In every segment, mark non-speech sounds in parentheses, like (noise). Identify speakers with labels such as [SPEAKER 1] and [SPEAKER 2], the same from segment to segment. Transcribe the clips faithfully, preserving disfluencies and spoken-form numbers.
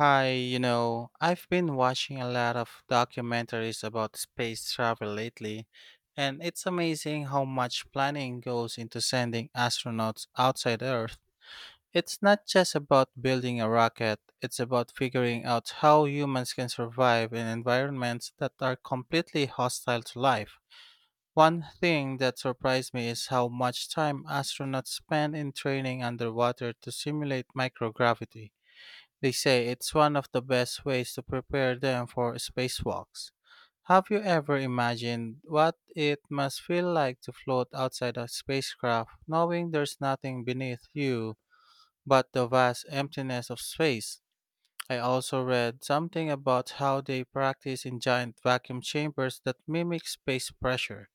[SPEAKER 1] Hi, you know, I've been watching a lot of documentaries about space travel lately, and it's amazing how much planning goes into sending astronauts outside Earth. It's not just about building a rocket, it's about figuring out how humans can survive in environments that are completely hostile to life. One thing that surprised me is how much time astronauts spend in training underwater to simulate microgravity. They say it's one of the best ways to prepare them for spacewalks. Have you ever imagined what it must feel like to float outside a spacecraft knowing there's nothing beneath you but the vast emptiness of space? I also read something about how they practice in giant vacuum chambers that mimic space pressure.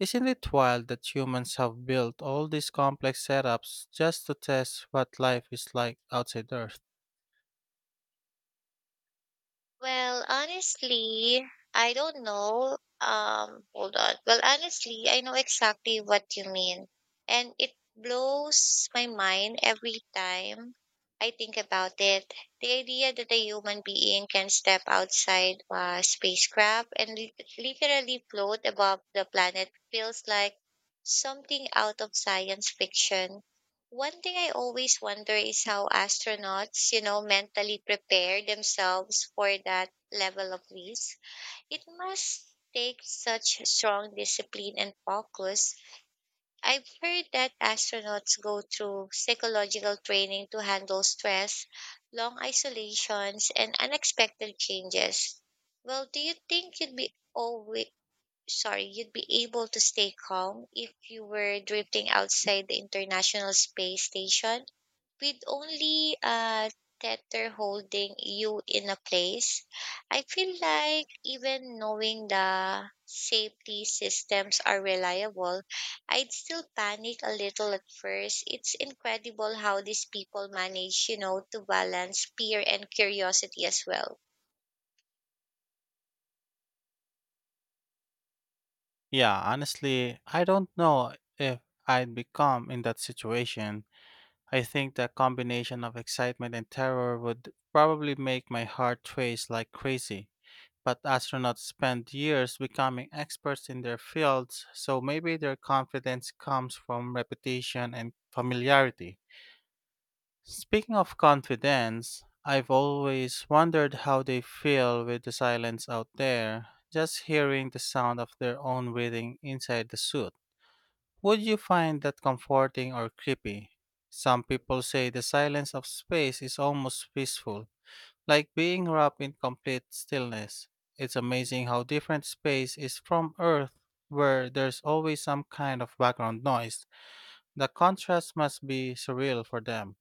[SPEAKER 1] Isn't it wild that humans have built all these complex setups just to test what life is like outside Earth?
[SPEAKER 2] Well, honestly, I don't know. Um, hold on. Well, honestly, I know exactly what you mean. And it blows my mind every time I think about it. The idea that a human being can step outside a spacecraft and li- literally float above the planet feels like something out of science fiction. One thing I always wonder is how astronauts, you know, mentally prepare themselves for that level of risk. It must take such strong discipline and focus. I've heard that astronauts go through psychological training to handle stress, long isolations, and unexpected changes. Well, do you think you'd be always sorry, you'd be able to stay calm if you were drifting outside the International Space Station, with only a tether holding you in a place? I feel like even knowing the safety systems are reliable, I'd still panic a little at first. It's incredible how these people manage, you know, to balance fear and curiosity as well.
[SPEAKER 1] Yeah, honestly, I don't know if I'd become in that situation. I think the combination of excitement and terror would probably make my heart race like crazy. But astronauts spend years becoming experts in their fields, so maybe their confidence comes from repetition and familiarity. Speaking of confidence, I've always wondered how they feel with the silence out there, just hearing the sound of their own breathing inside the suit. Would you find that comforting or creepy? Some people say the silence of space is almost peaceful, like being wrapped in complete stillness. It's amazing how different space is from Earth, where there's always some kind of background noise. The contrast must be surreal for them.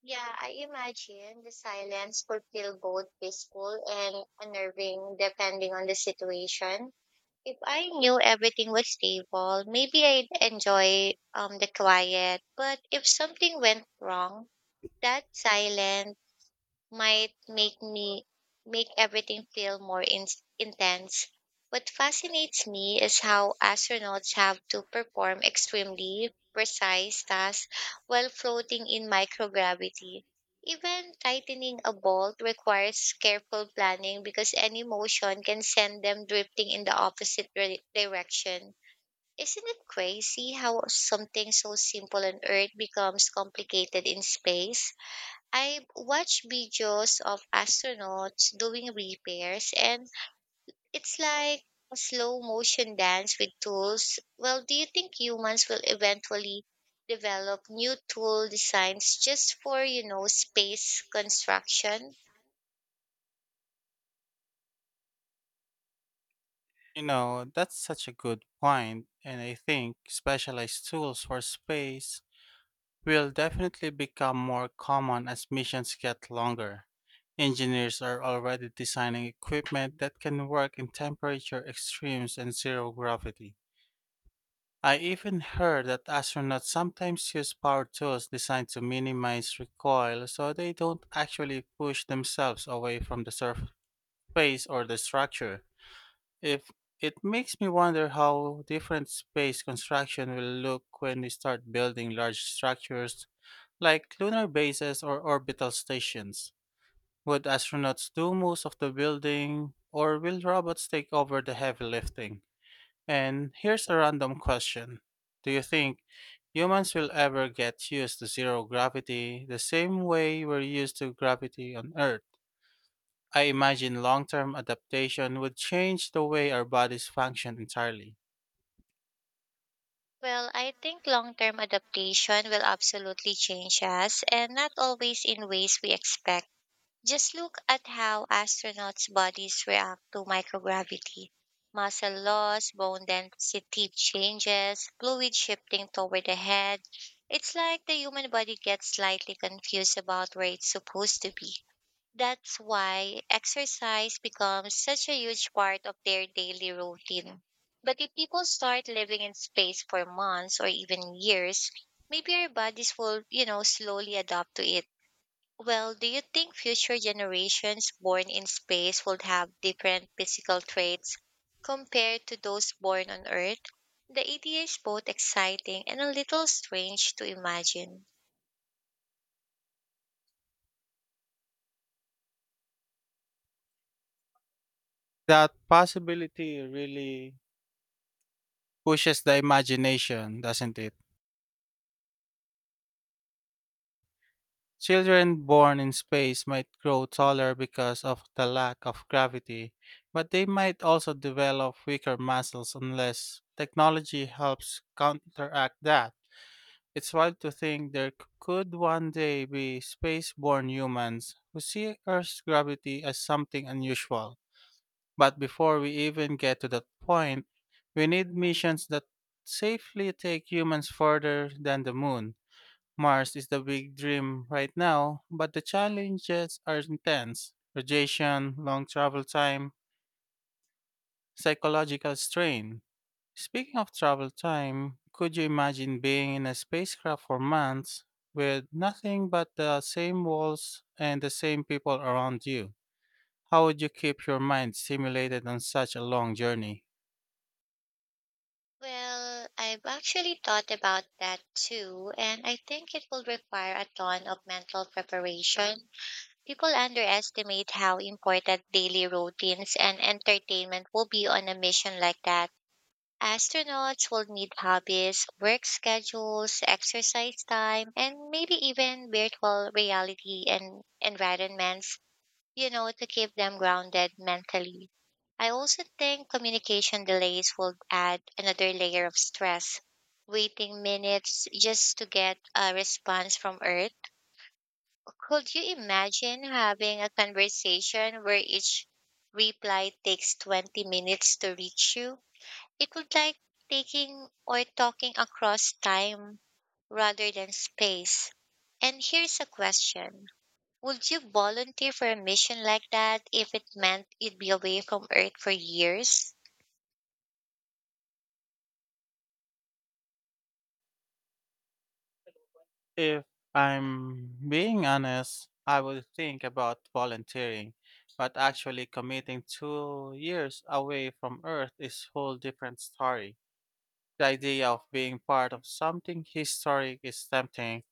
[SPEAKER 2] Yeah, I imagine the silence could feel both peaceful and unnerving depending on the situation. If I knew everything was stable, maybe I'd enjoy um, the quiet. But if something went wrong, that silence might make me make everything feel more in, intense. What fascinates me is how astronauts have to perform extremely precise tasks while floating in microgravity. Even tightening a bolt requires careful planning because any motion can send them drifting in the opposite re- direction. Isn't it crazy how something so simple on Earth becomes complicated in space? I watch videos of astronauts doing repairs, and it's like a slow motion dance with tools. Well, do you think humans will eventually develop new tool designs just for, you know, space construction?
[SPEAKER 1] You know, that's such a good point, and I think specialized tools for space will definitely become more common as missions get longer. Engineers are already designing equipment that can work in temperature extremes and zero gravity. I even heard that astronauts sometimes use power tools designed to minimize recoil so they don't actually push themselves away from the surface or the structure. If it makes me wonder how different space construction will look when we start building large structures like lunar bases or orbital stations. Would astronauts do most of the building, or will robots take over the heavy lifting? And here's a random question. Do you think humans will ever get used to zero gravity the same way we're used to gravity on Earth? I imagine long term adaptation would change the way our bodies function entirely.
[SPEAKER 2] Well, I think long-term adaptation will absolutely change us, and not always in ways we expect. Just look at how astronauts' bodies react to microgravity. Muscle loss, bone density changes, fluid shifting toward the head. It's like the human body gets slightly confused about where it's supposed to be. That's why exercise becomes such a huge part of their daily routine. But if people start living in space for months or even years, maybe our bodies will, you know, slowly adapt to it. Well, do you think future generations born in space would have different physical traits compared to those born on Earth? The idea is both exciting and a little strange to imagine.
[SPEAKER 1] That possibility really pushes the imagination, doesn't it? Children born in space might grow taller because of the lack of gravity, but they might also develop weaker muscles unless technology helps counteract that. It's wild to think there c- could one day be space born humans who see Earth's gravity as something unusual. But before we even get to that point, we need missions that safely take humans further than the moon. Mars is the big dream right now, but the challenges are intense radiation, long travel time, psychological strain. Speaking of travel time, could you imagine being in a spacecraft for months with nothing but the same walls and the same people around you? How would you keep your mind stimulated on such a long journey?
[SPEAKER 2] Well, I've actually thought about that too, and I think it will require a ton of mental preparation. People underestimate how important daily routines and entertainment will be on a mission like that. Astronauts will need hobbies, work schedules, exercise time, and maybe even virtual reality and environments, you know, to keep them grounded mentally. I also think communication delays will add another layer of stress. Waiting minutes just to get a response from Earth. Could you imagine having a conversation where each reply takes twenty minutes to reach you? It would like taking or talking across time rather than space. And here's a question. Would you volunteer for a mission like that if it meant you'd be away from Earth for years?
[SPEAKER 1] If I'm being honest, I would think about volunteering, but actually committing two years away from Earth is whole different story. The idea of being part of something historic is tempting,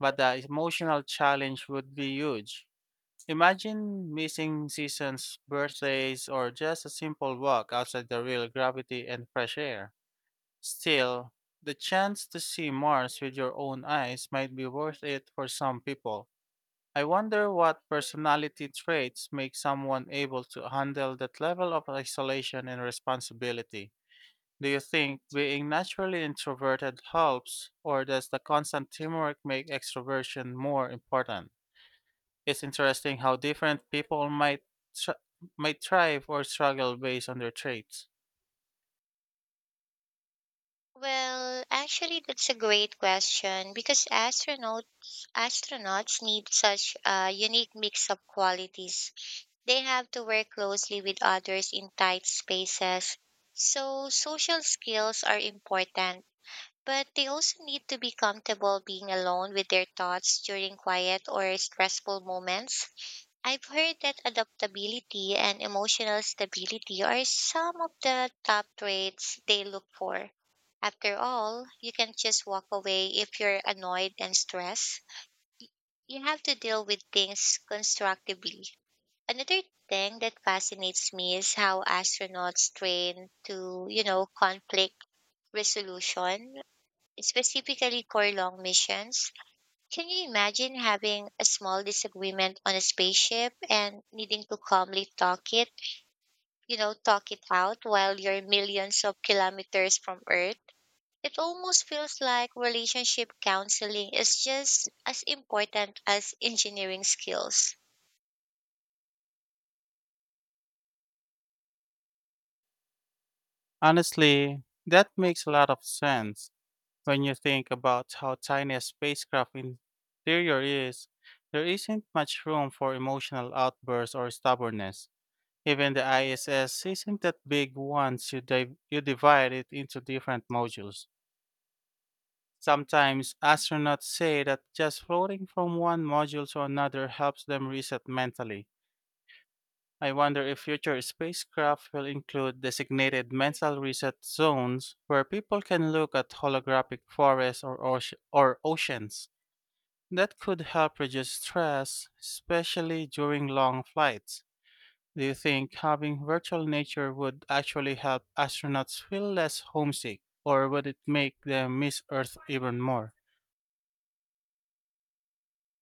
[SPEAKER 1] but the emotional challenge would be huge. Imagine missing seasons, birthdays, or just a simple walk outside the real gravity and fresh air. Still, the chance to see Mars with your own eyes might be worth it for some people. I wonder what personality traits make someone able to handle that level of isolation and responsibility. Do you think being naturally introverted helps, or does the constant teamwork make extroversion more important? It's interesting how different people might tr- might thrive or struggle based on their traits.
[SPEAKER 2] Well, actually, that's a great question because astronauts astronauts need such a unique mix of qualities. They have to work closely with others in tight spaces, so social skills are important. But they also need to be comfortable being alone with their thoughts during quiet or stressful moments. I've heard that adaptability and emotional stability are some of the top traits they look for. After all, you can just walk away if you're annoyed and stressed. You have to deal with things constructively. Another thing that fascinates me is how astronauts train to, you know, conflict resolution specifically for long missions. Can you imagine having a small disagreement on a spaceship and needing to calmly talk it, you know, talk it out while you're millions of kilometers from Earth? It almost feels like relationship counseling is just as important as engineering skills.
[SPEAKER 1] Honestly, that makes a lot of sense. When you think about how tiny a spacecraft interior is, there isn't much room for emotional outbursts or stubbornness. Even the I S S isn't that big once you, div- you divide it into different modules. Sometimes astronauts say that just floating from one module to another helps them reset mentally. I wonder if future spacecraft will include designated mental reset zones where people can look at holographic forests or, oce- or oceans. That could help reduce stress, especially during long flights. Do you think having virtual nature would actually help astronauts feel less homesick, or would it make them miss Earth even more?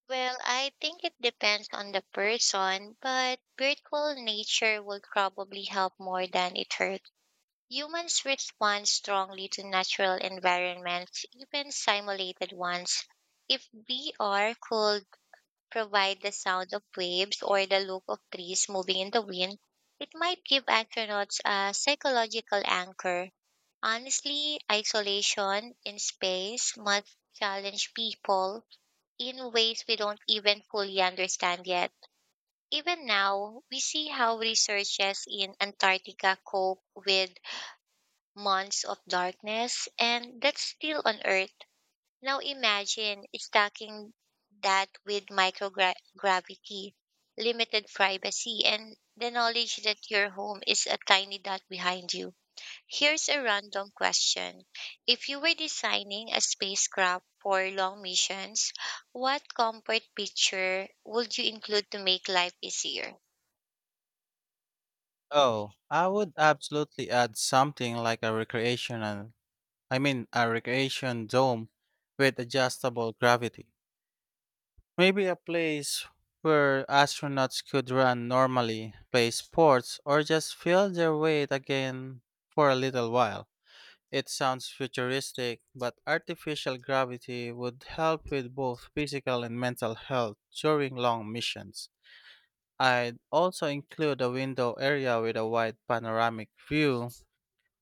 [SPEAKER 2] Well, I think it depends on the person, but virtual nature will probably help more than it hurts. Humans respond strongly to natural environments, even simulated ones. If V R could provide the sound of waves or the look of trees moving in the wind, it might give astronauts a psychological anchor. Honestly, isolation in space must challenge people in ways we don't even fully understand yet. Even now, we see how researchers in Antarctica cope with months of darkness, and that's still on Earth. Now imagine stacking that with microgravity, limited privacy, and the knowledge that your home is a tiny dot behind you. Here's a random question. If you were designing a spacecraft for long missions, what comfort picture would you include to make life easier?
[SPEAKER 1] Oh, I would absolutely add something like a recreational, I mean, a recreation dome with adjustable gravity. Maybe a place where astronauts could run normally, play sports, or just feel their weight again for a little while. It sounds futuristic, but artificial gravity would help with both physical and mental health during long missions. I'd also include a window area with a wide panoramic view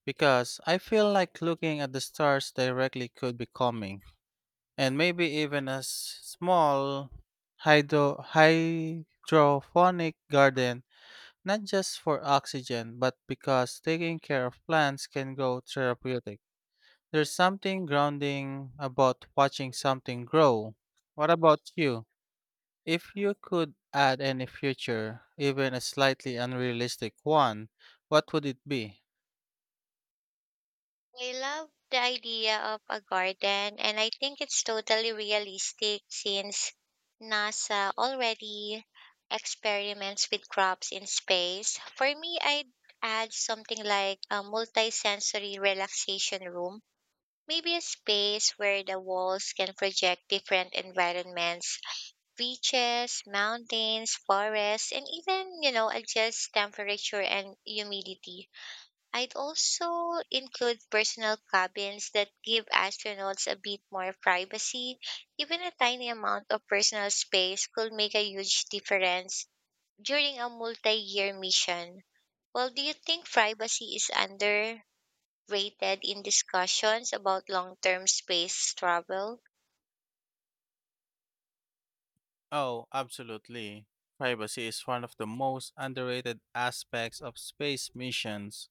[SPEAKER 1] because I feel like looking at the stars directly could be calming, and maybe even a s- small hydro- hydroponic garden, not just for oxygen, but because taking care of plants can go therapeutic. There's something grounding about watching something grow. What about you? If you could add any future, even a slightly unrealistic one, what would it be?
[SPEAKER 2] I love the idea of a garden, and I think it's totally realistic since NASA already experiments with crops in space. For me, I'd add something like a multi-sensory relaxation room, maybe a space where the walls can project different environments, beaches, mountains, forests, and even, you know, adjust temperature and humidity. I'd also include personal cabins that give astronauts a bit more privacy. Even a tiny amount of personal space could make a huge difference during a multi year mission. Well, do you think privacy is underrated in discussions about long term space travel?
[SPEAKER 1] Oh, absolutely. Privacy is one of the most underrated aspects of space missions.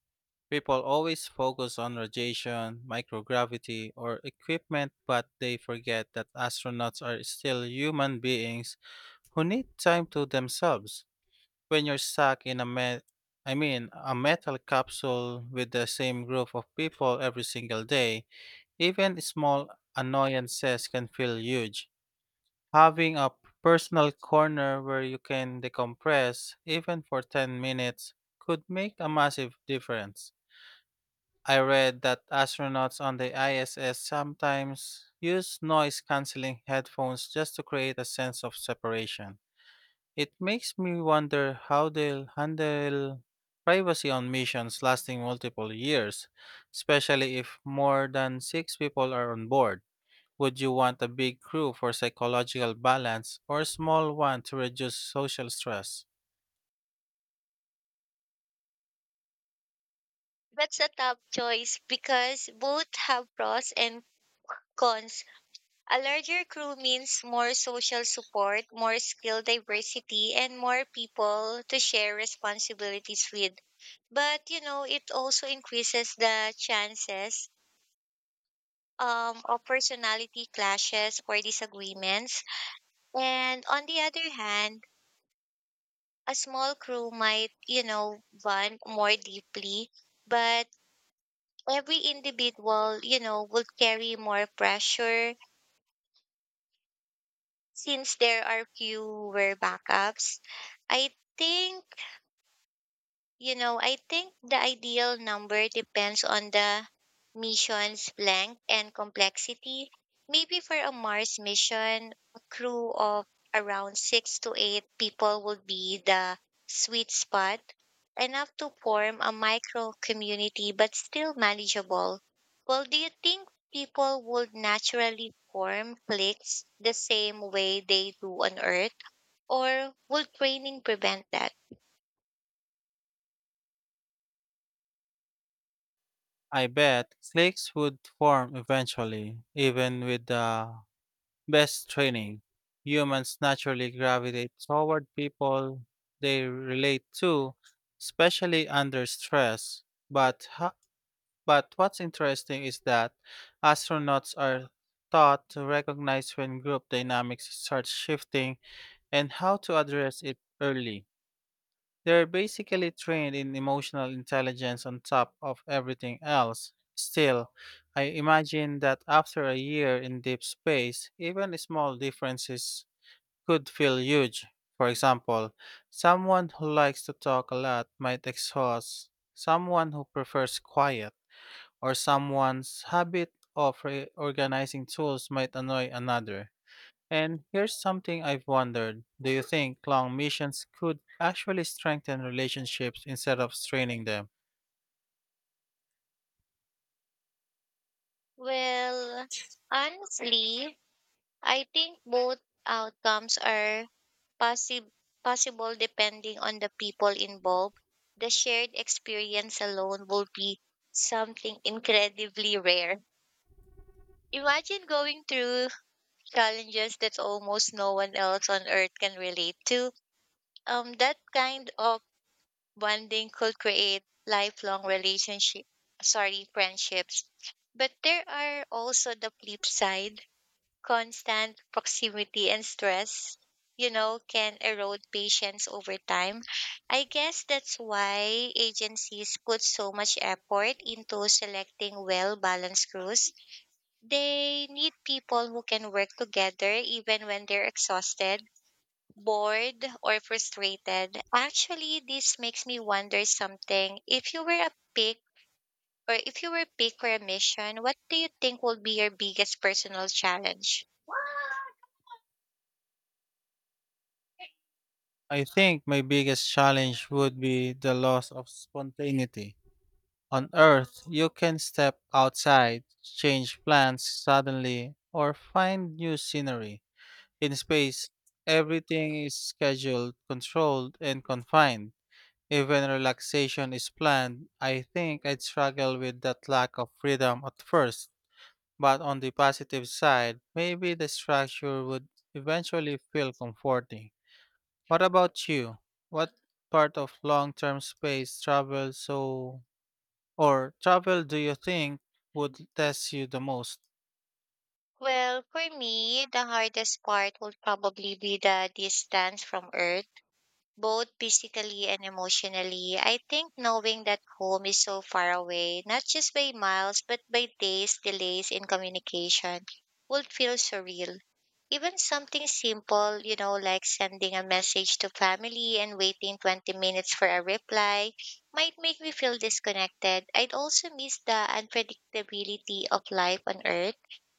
[SPEAKER 1] People always focus on radiation, microgravity, or equipment, but they forget that astronauts are still human beings who need time to themselves. When you're stuck in a met I mean a metal capsule with the same group of people every single day, even small annoyances can feel huge. Having a personal corner where you can decompress even for ten minutes could make a massive difference. I read that astronauts on the I S S sometimes use noise canceling headphones just to create a sense of separation. It makes me wonder how they'll handle privacy on missions lasting multiple years, especially if more than six people are on board. Would you want a big crew for psychological balance or a small one to reduce social stress?
[SPEAKER 2] That's a tough choice because both have pros and cons. A larger crew means more social support, more skill diversity, and more people to share responsibilities with. But, you know, it also increases the chances um, of personality clashes or disagreements. And on the other hand, a small crew might, you know, bond more deeply, but every individual, you know, would carry more pressure since there are fewer backups. I think you know, I think the ideal number depends on the mission's length and complexity. Maybe for a Mars mission, a crew of around six to eight people would be the sweet spot, enough to form a micro community but still manageable. Well, do you think people would naturally form cliques the same way they do on Earth, or would training prevent that?
[SPEAKER 1] I bet cliques would form eventually, even with the best training. Humans naturally gravitate toward people they relate to, especially under stress. But ho- But what's interesting is that astronauts are taught to recognize when group dynamics start shifting and how to address it early. They're basically trained in emotional intelligence on top of everything else. Still, I imagine that after a year in deep space, even small differences could feel huge. For example, someone who likes to talk a lot might exhaust someone who prefers quiet or someone's habit of reorganizing tools might annoy another. And here's something I've wondered. Do you think long missions could actually strengthen relationships instead of straining them?
[SPEAKER 2] Well, honestly, I think both outcomes are possi- possible depending on the people involved. The shared experience alone will be something incredibly rare. Imagine going through challenges that almost no one else on earth can relate to. Um, that kind of bonding could create lifelong relationship, sorry, friendships. But there are also the flip side constant proximity and stress, you know, can erode patience over time. I guess that's why agencies put so much effort into selecting well balanced crews. They need people who can work together even when they're exhausted, bored, or frustrated. Actually, this makes me wonder something. If you were a pick, or if you were picked for a mission, what do you think will be your biggest personal challenge?
[SPEAKER 1] I think my biggest challenge would be the loss of spontaneity. On Earth, you can step outside, change plans suddenly, or find new scenery. In space, everything is scheduled, controlled, and confined. Even relaxation is planned. I think I'd struggle with that lack of freedom at first. But on the positive side, maybe the structure would eventually feel comforting. What about you? What part of long term space travel so or travel do you think would test you the most?
[SPEAKER 2] Well, for me, the hardest part would probably be the distance from Earth, both physically and emotionally. I think knowing that home is so far away, not just by miles, but by days, delays in communication, would feel surreal. Even something simple, you know, like sending a message to family and waiting twenty minutes for a reply, might make me feel disconnected. I'd also miss the unpredictability of life on Earth.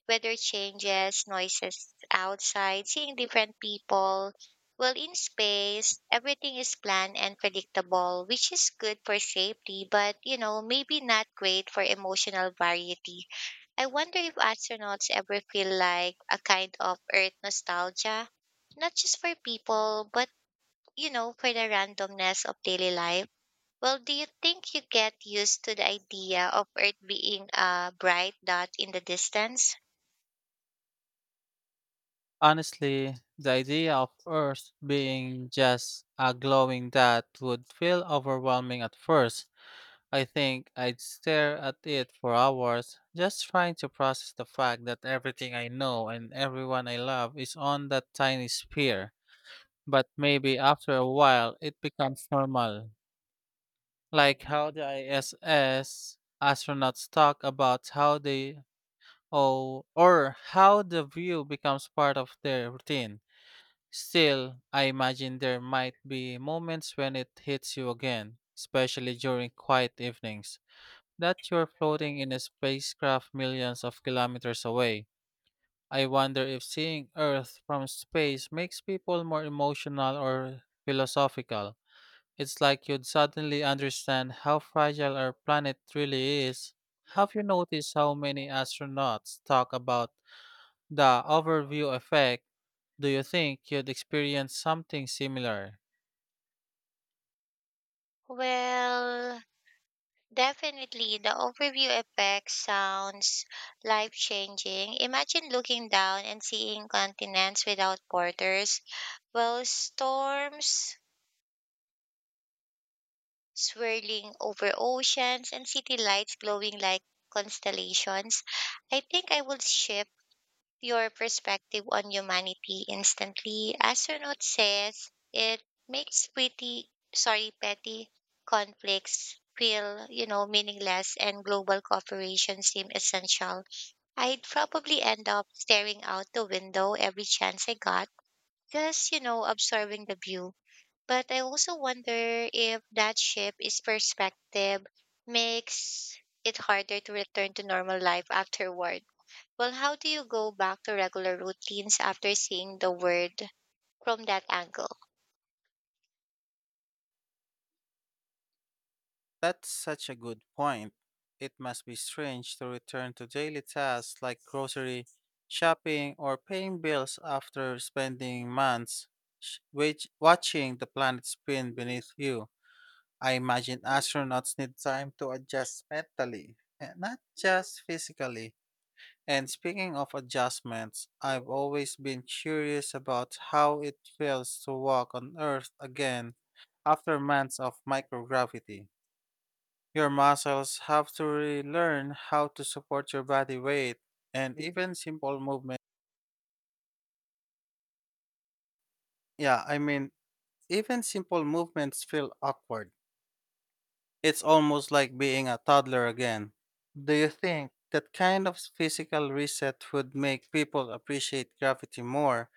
[SPEAKER 2] Weather changes, noises outside, seeing different people. Well, in space, everything is planned and predictable, which is good for safety, but you know, maybe not great for emotional variety. I wonder if astronauts ever feel like a kind of Earth nostalgia, not just for people, but you know, for the randomness of daily life. Well, do you think you get used to the idea of Earth being a bright dot in the distance?
[SPEAKER 1] Honestly, the idea of Earth being just a glowing dot would feel overwhelming at first. I think I'd stare at it for hours, just trying to process the fact that everything I know and everyone I love is on that tiny sphere. But maybe after a while, it becomes normal. Like how the I S S astronauts talk about how they, oh, or how the view becomes part of their routine. Still, I imagine there might be moments when it hits you again, especially during quiet evenings that you're floating in a spacecraft millions of kilometers away. I wonder if seeing Earth from space makes people more emotional or philosophical. It's like you'd suddenly understand how fragile our planet really is. Have you noticed how many astronauts talk about the overview effect? Do you think you'd experience something similar?
[SPEAKER 2] Well, definitely, the overview effect sounds life changing. Imagine looking down and seeing continents without borders, while storms swirling over oceans and city lights glowing like constellations. I think I would shift your perspective on humanity instantly. Astronaut says it makes pretty sorry petty conflicts feel, you know meaningless, and global cooperation seem essential. I'd probably end up staring out the window every chance I got, just you know observing the view. But I also wonder if that shift is perspective makes it harder to return to normal life afterward. Well, how do you go back to regular routines after seeing the word from that angle?
[SPEAKER 1] That's such a good point. It must be strange to return to daily tasks like grocery shopping or paying bills after spending months sh- wage- watching the planet spin beneath you. I imagine astronauts need time to adjust mentally, and not just physically. And speaking of adjustments, I've always been curious about how it feels to walk on Earth again after months of microgravity. Your muscles have to relearn how to support your body weight and even simple movement. Yeah, I mean, Even simple movements feel awkward. It's almost like being a toddler again. Do you think that kind of physical reset would make people appreciate gravity more,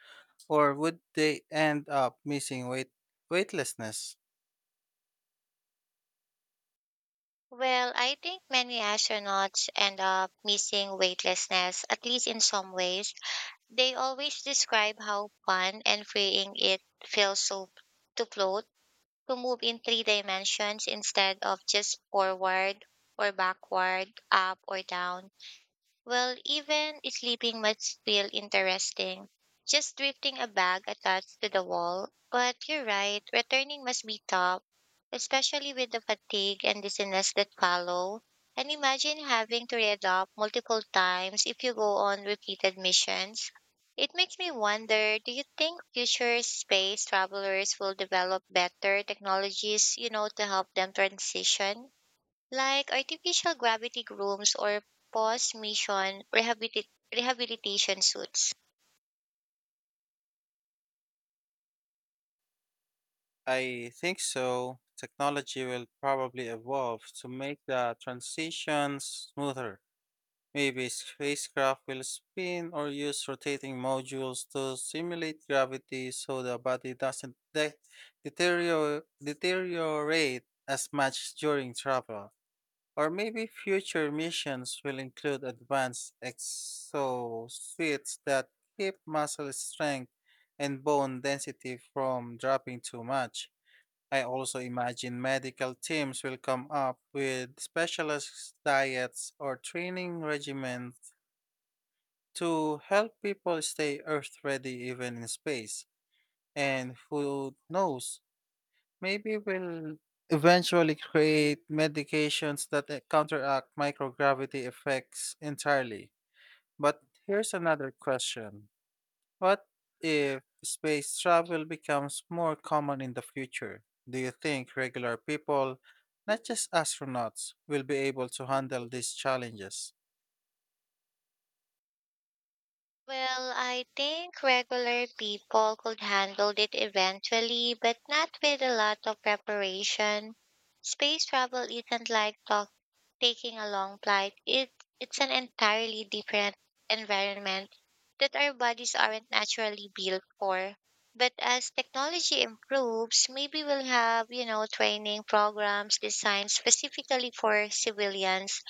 [SPEAKER 1] or would they end up missing weight weightlessness?
[SPEAKER 2] Well, I think many astronauts end up missing weightlessness, at least in some ways. They always describe how fun and freeing it feels so to float, to move in three dimensions instead of just forward or backward, up or down. Well, even sleeping must feel interesting. Just drifting a bag attached to the wall. But you're right, returning must be tough, especially with the fatigue and dizziness that follow. And imagine having to readopt multiple times if you go on repeated missions. It makes me wonder, do you think future space travelers will develop better technologies, you know, to help them transition, like artificial gravity rooms or post mission rehabilit- rehabilitation suits?
[SPEAKER 1] I think so. Technology will probably evolve to make the transitions smoother. Maybe spacecraft will spin or use rotating modules to simulate gravity so the body doesn't de- deterioro- deteriorate as much during travel. Or maybe future missions will include advanced exosuits that keep muscle strength and bone density from dropping too much. I also imagine medical teams will come up with specialized diets or training regimens to help people stay Earth ready even in space. And who knows, maybe we'll eventually create medications that uh, counteract microgravity effects entirely. But here's another question. What if space travel becomes more common in the future? Do you think regular people, not just astronauts, will be able to handle these challenges?
[SPEAKER 2] Well, I think regular people could handle it eventually, but not with a lot of preparation. Space travel isn't like talking. Taking a long flight, it, it's an entirely different environment that our bodies aren't naturally built for. But as technology improves, maybe we'll have, you know, training programs designed specifically for civilians,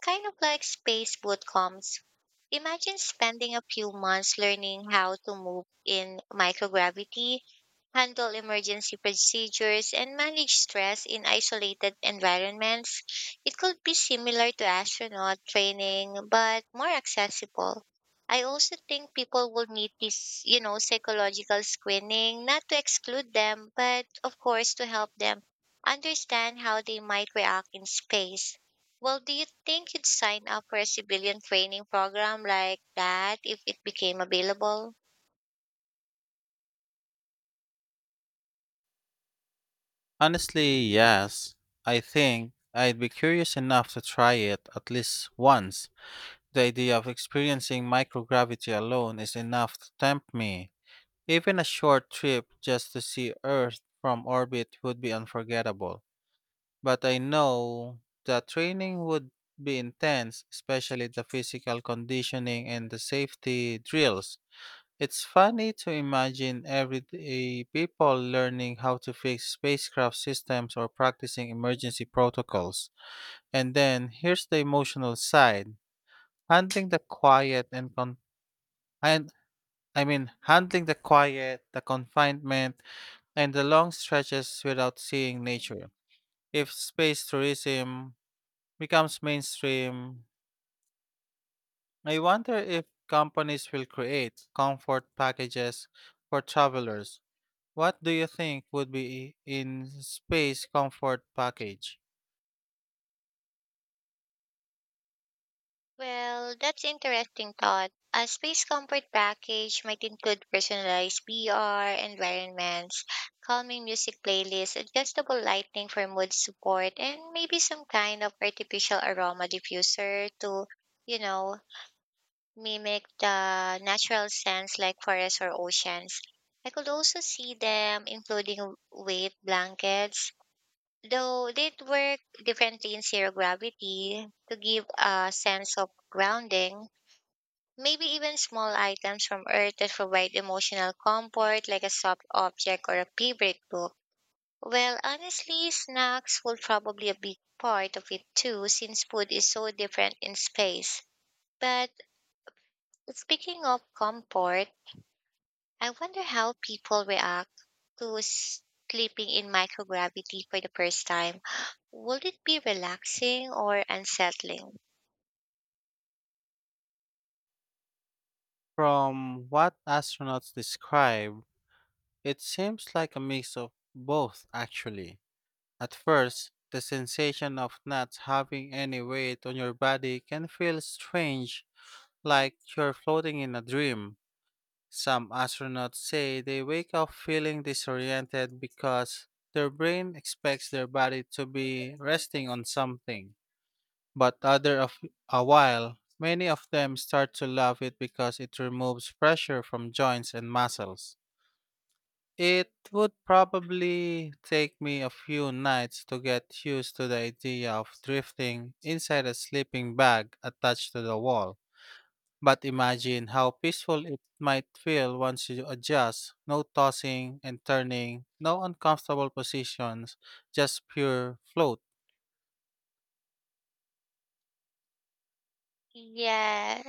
[SPEAKER 2] kind of like space boot camps. Imagine spending a few months learning how to move in microgravity, handle emergency procedures, and manage stress in isolated environments. It could be similar to astronaut training, but more accessible. I also think people will need this, you know, psychological screening, not to exclude them, but of course to help them understand how they might react in space. Well, do you think you'd sign up for a civilian training program like that if it became available?
[SPEAKER 1] Honestly, yes. I think I'd be curious enough to try it at least once. The idea of experiencing microgravity alone is enough to tempt me. Even a short trip just to see Earth from orbit would be unforgettable. But I know the training would be intense, especially the physical conditioning and the safety drills. It's funny to imagine everyday people learning how to fix spacecraft systems or practicing emergency protocols. And then here's the emotional side. Handling the quiet and con and I mean Handling the quiet, the confinement, and the long stretches without seeing nature. If space tourism becomes mainstream, I wonder if companies will create comfort packages for travelers. What do you think would be in space comfort package?
[SPEAKER 2] Well, that's interesting thought. A space comfort package might include personalized V R environments, calming music playlists, adjustable lighting for mood support, and maybe some kind of artificial aroma diffuser to, you know, mimic the natural scents like forests or oceans. I could also see them including weight blankets, though they'd work differently in zero gravity to give a sense of grounding. Maybe even small items from Earth that provide emotional comfort, like a soft object or a favorite book. Well, honestly, snacks will probably a big part of it too, since food is so different in space. But speaking of comfort, I wonder how people react to s- sleeping in microgravity for the first time. (gasps) Will it be relaxing or unsettling?
[SPEAKER 1] From what astronauts describe, it seems like a mix of both actually. At first, the sensation of not having any weight on your body can feel strange, like you're floating in a dream. Some astronauts say they wake up feeling disoriented because their brain expects their body to be resting on something. But other of a while, many of them start to love it because it removes pressure from joints and muscles. It would probably take me a few nights to get used to the idea of drifting inside a sleeping bag attached to the wall. But imagine how peaceful it might feel once you adjust. No tossing and turning, no uncomfortable positions, just pure float.
[SPEAKER 2] Yeah.